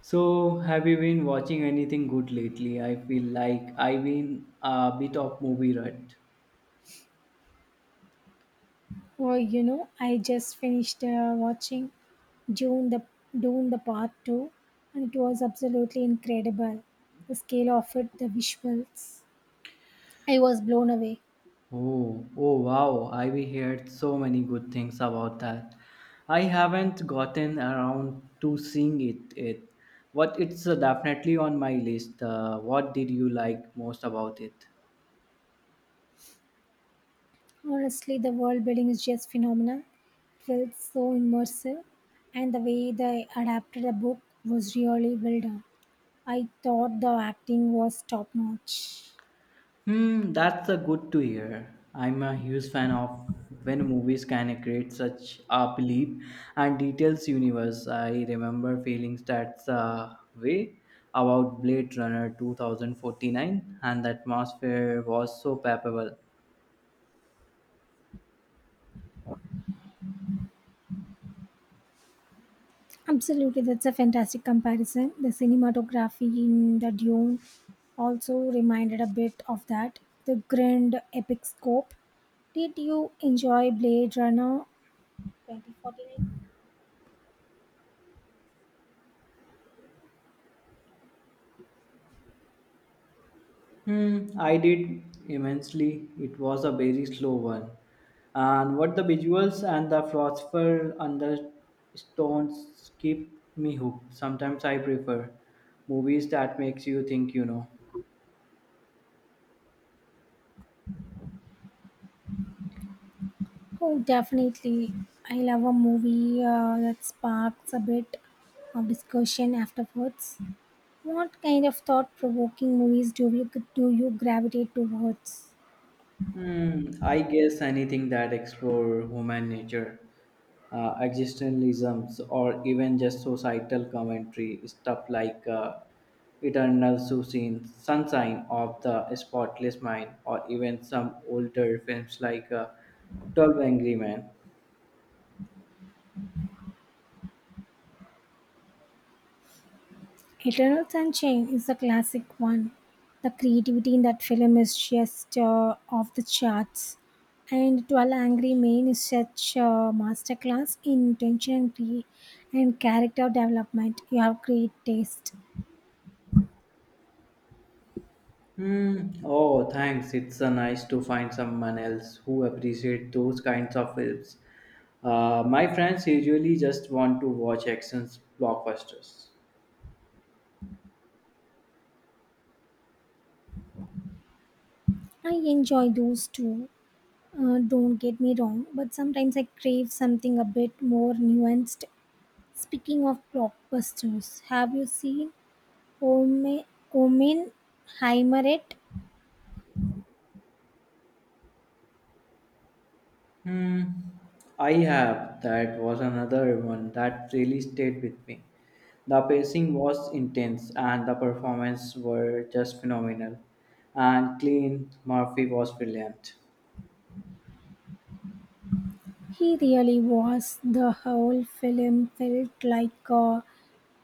So, have you been watching anything good lately? I feel like I've been a bit of movie rut. Oh, you know, I just finished watching Dune the Dune the Part Two, and it was absolutely incredible. The scale of it, the visuals, I was blown away. Oh, oh wow, I've heard so many good things about that. I haven't gotten around to seeing it yet. But it's definitely on my list. What did you like most about it? Honestly, the world building is just phenomenal. It felt so immersive, and the way they adapted the book was really well done. I thought the acting was top notch. That's a good to hear. I'm a huge fan of when movies can create such a belief and details universe. I remember feeling that the way about Blade Runner 2049, and the atmosphere was so palpable. Absolutely, that's a fantastic comparison. The cinematography in the Dune also reminded a bit of that. The grand epic scope. Did you enjoy Blade Runner 2049? I did immensely. It was a very slow one. And what the visuals and the philosopher and the stones keep me hooked. Sometimes I prefer movies that makes you think, Oh, definitely. I love a movie that sparks a bit of discussion afterwards. What kind of thought provoking movies do you gravitate towards? I guess anything that explore human nature, existentialisms, or even just societal commentary, stuff like eternal sunshine, sunshine of the spotless mind, or even some older films like 12 Angry Men. Eternal Sunshine is a classic one. The creativity in that film is just off the charts. And 12 Angry Men is such a masterclass in tension and character development. You have great taste. Hmm. Oh, thanks. It's nice to find someone else who appreciate those kinds of films. My friends usually just want to watch actions blockbusters. I enjoy those too. Don't get me wrong, but sometimes I crave something a bit more nuanced. Speaking of blockbusters, have you seen Omen Heimer? Hmm, I have. That was another one that really stayed with me. The pacing was intense and the performance were just phenomenal. And clean Murphy was brilliant. He really was. The whole film felt like a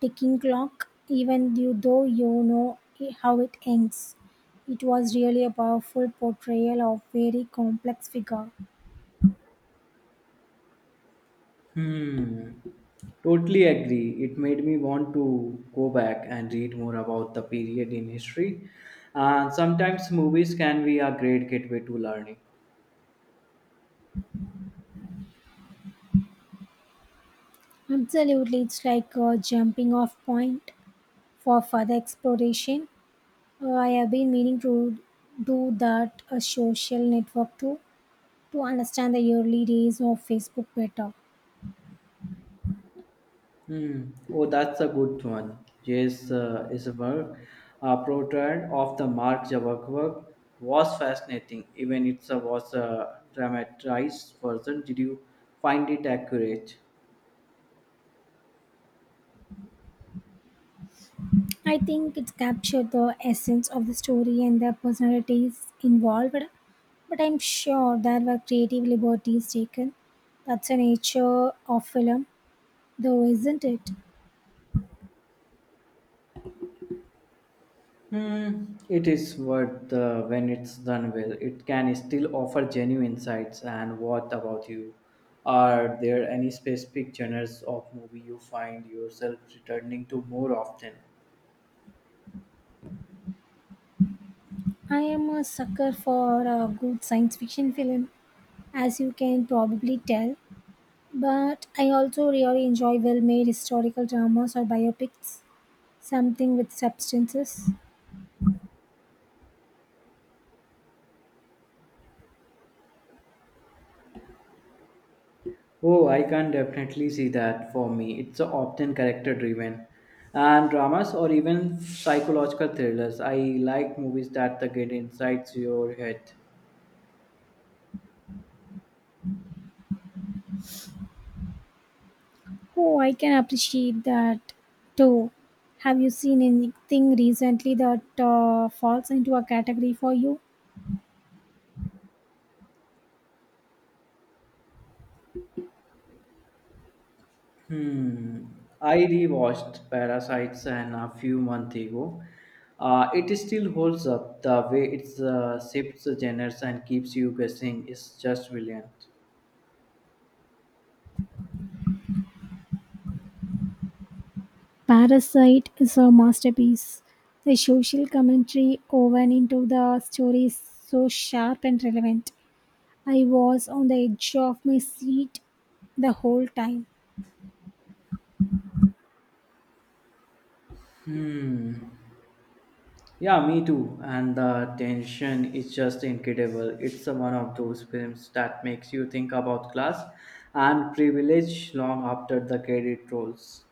ticking clock, though you know how it ends. It was really a powerful portrayal of very complex figure. Hmm. Totally agree. It made me want to go back and read more about the period in history. And sometimes movies can be a great gateway to learning. Absolutely, it's like a jumping off point for further exploration. I have been meaning to do that a social network too to understand the early days of Facebook better. Hmm. Oh, that's a good one. Yes, is a work. A portrait of the Mark Zuckerberg was fascinating, even it was a dramatized version. Did you find it accurate? I think it captured the essence of the story and the personalities involved, but I'm sure there were creative liberties taken. That's the nature of film, though, isn't it? Hmm. It is worth when it's done well. It can still offer genuine insights. And what about you? Are there any specific genres of movie you find yourself returning to more often? I am a sucker for a good science fiction film, as you can probably tell, but I also really enjoy well made historical dramas or biopics, something with substances. Oh, I can definitely see that for me. It's often character driven. And dramas or even psychological thrillers. I like movies that the get inside your head. Oh, I can appreciate that too. Have you seen anything recently that falls into a category for you? Hmm. I rewatched Parasites and a few months ago. It still holds up the way it shifts the genres and keeps you guessing. Is just brilliant. Parasite is a masterpiece. The social commentary woven into the story is so sharp and relevant. I was on the edge of my seat the whole time. Hmm. Yeah, me too. And the tension is just incredible. It's one of those films that makes you think about class and privilege long after the credit rolls.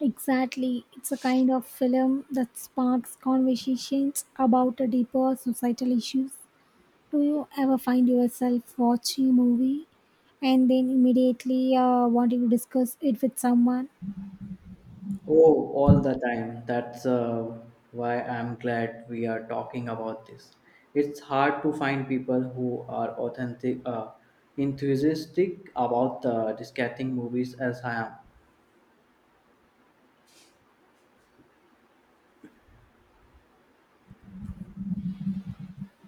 Exactly. It's a kind of film that sparks conversations about a deeper societal issues. Do you ever find yourself watching a movie and then immediately wanting to discuss it with someone? Oh, all the time. That's why I'm glad we are talking about this. It's hard to find people who are authentic, enthusiastic about discussing movies as I am.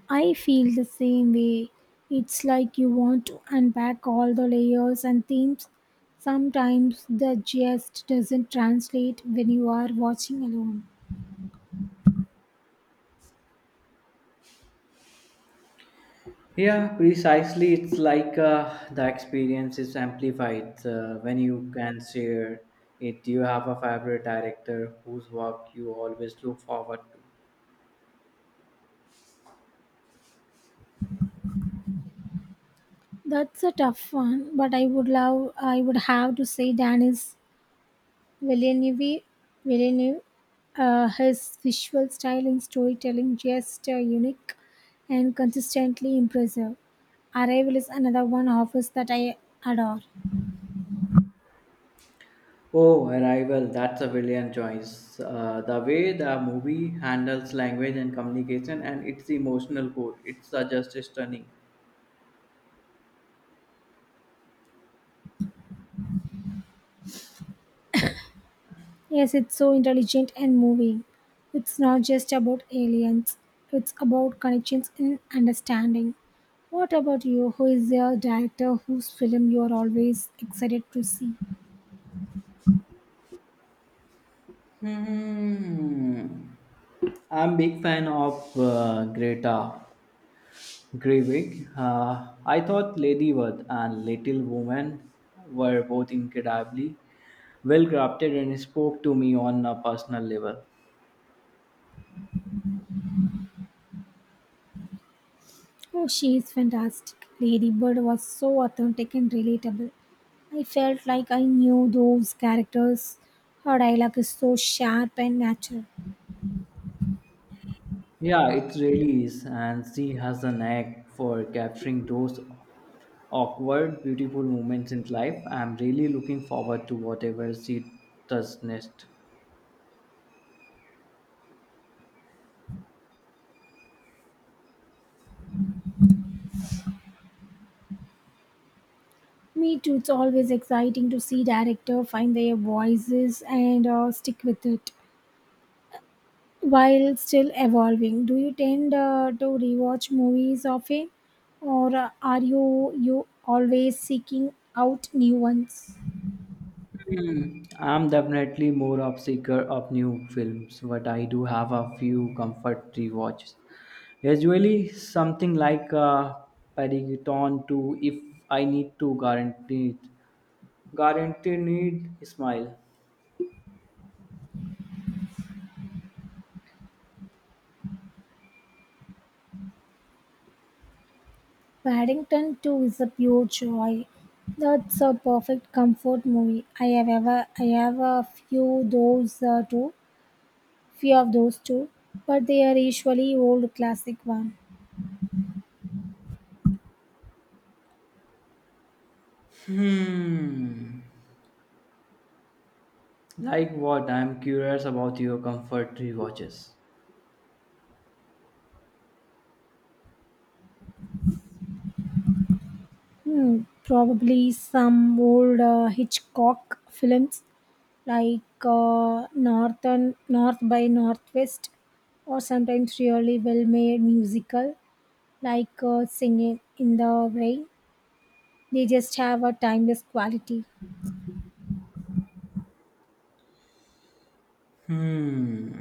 I feel the same way. It's like you want to unpack all the layers and themes. Sometimes the gist doesn't translate when you are watching alone. Yeah, precisely. It's like the experience is amplified when you can share it. You have a favorite director whose work you always look forward to. That's a tough one, but I would have to say Dan is Villeneuve, Villeneuve, his visual style and storytelling just unique and consistently impressive. Arrival is another one of his that I adore. Oh, Arrival, that's a brilliant choice. The way the movie handles language and communication and its emotional core, it's just stunning. Yes, it's so intelligent and moving. It's not just about aliens, it's about connections and understanding. What about you? Who is your director whose film you are always excited to see? Hmm. I'm big fan of Greta. Greywig. I thought Lady Worth and Little Woman were both incredibly well crafted and spoke to me on a personal level. Oh, she is fantastic. Lady Bird was so authentic and relatable. I felt like I knew those characters. Her dialogue is so sharp and natural. Yeah, it really is, and she has a knack for capturing those awkward, beautiful moments in life. I'm really looking forward to whatever she does next. Me too, it's always exciting to see director find their voices and stick with it while still evolving. Do you tend to rewatch movies often or are you always seeking out new ones? Hmm, I'm definitely more of seeker of new films, but I do have a few comfort rewatches. Usually something like Paddington 2 if I need to guarantee it. Guarantee need smile. Paddington 2 is a pure joy. That's a perfect comfort movie. I have ever I have a few those too Few of those too, but they are usually old classic one. Hmm. Like what? I'm curious about your comfort rewatches. Hmm, probably some old Hitchcock films like Northern North by Northwest, or sometimes really well-made musical like Singing in the Rain. They just have a timeless quality. Hmm.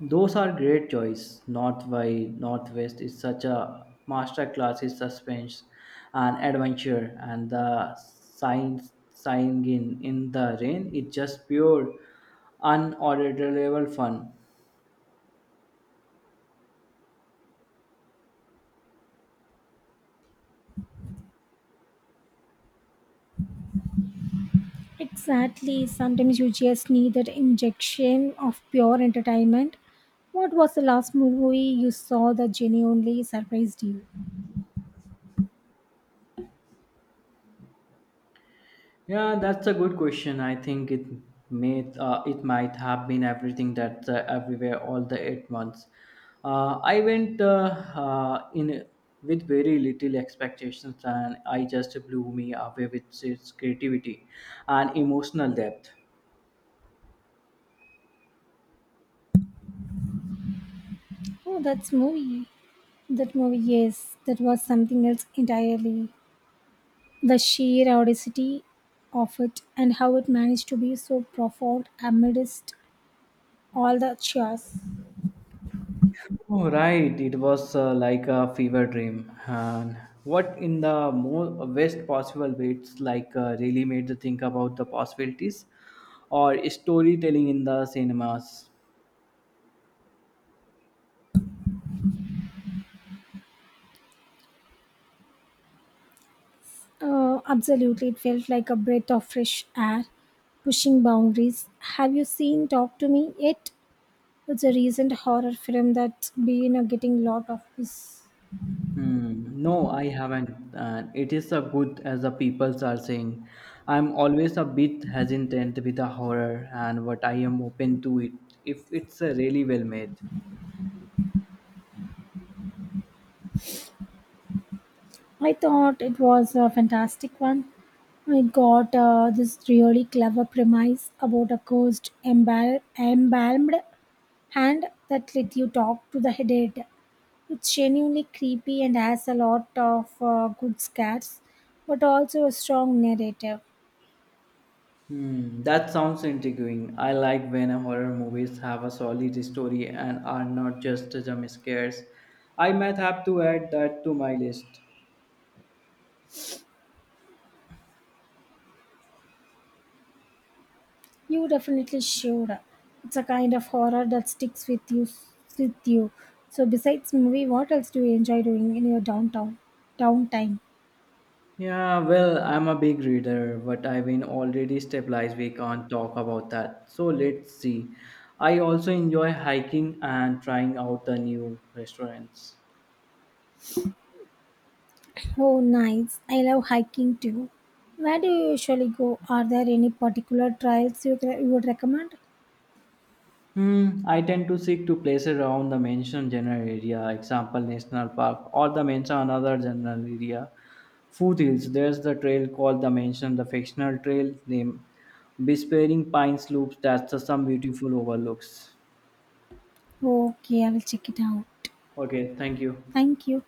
Those are great choice. North by Northwest is such a masterclass in suspense and adventure, and the signs sign in the rain is just pure, unaudible fun. Exactly. Sometimes you just need that injection of pure entertainment. What was the last movie you saw that genuinely surprised you? Yeah, that's a good question. I think it may it might have been everything that's everywhere all the 8 months. I went in with very little expectations, and I just blew me away with its creativity and emotional depth. Oh, that's movie. That movie, yes, that was something else entirely. The sheer audacity of it and how it managed to be so profound amidst all the chaos. Oh, right, it was like a fever dream, and what in the most best possible way? It's like really made to think about the possibilities or storytelling in the cinemas. Absolutely, it felt like a breath of fresh air, pushing boundaries. Have you seen Talk to Me yet? It's a recent horror film that's been getting a lot of buzz. Hmm. No, I haven't. It is a good as the peoples are saying. I'm always a bit hesitant with the horror and but I am open to it if it's a really well made. I thought it was a fantastic one. It got this really clever premise about a cursed embalmed hand that let you talk to the dead. It's genuinely creepy and has a lot of good scares, but also a strong narrative. Hmm, that sounds intriguing. I like when a horror movies have a solid story and are not just jump scares. I might have to add that to my list. You definitely should. It's a kind of horror that sticks with you. With you. So besides movie, what else do you enjoy doing in your downtown downtime? Yeah, well, I'm a big reader, but I've been already stabilized. We can't talk about that. So let's see. I also enjoy hiking and trying out the new restaurants. Oh, nice. I love hiking too. Where do you usually go? Are there any particular trails you would recommend? Hmm, I tend to seek to places around the mentioned general area, example national park or the mentioned another general area. Foothills, there's the trail called the mentioned the fictional trail name, Bespairing Pines Loops. That's the some beautiful overlooks. Okay, I will check it out. Okay, thank you. Thank you.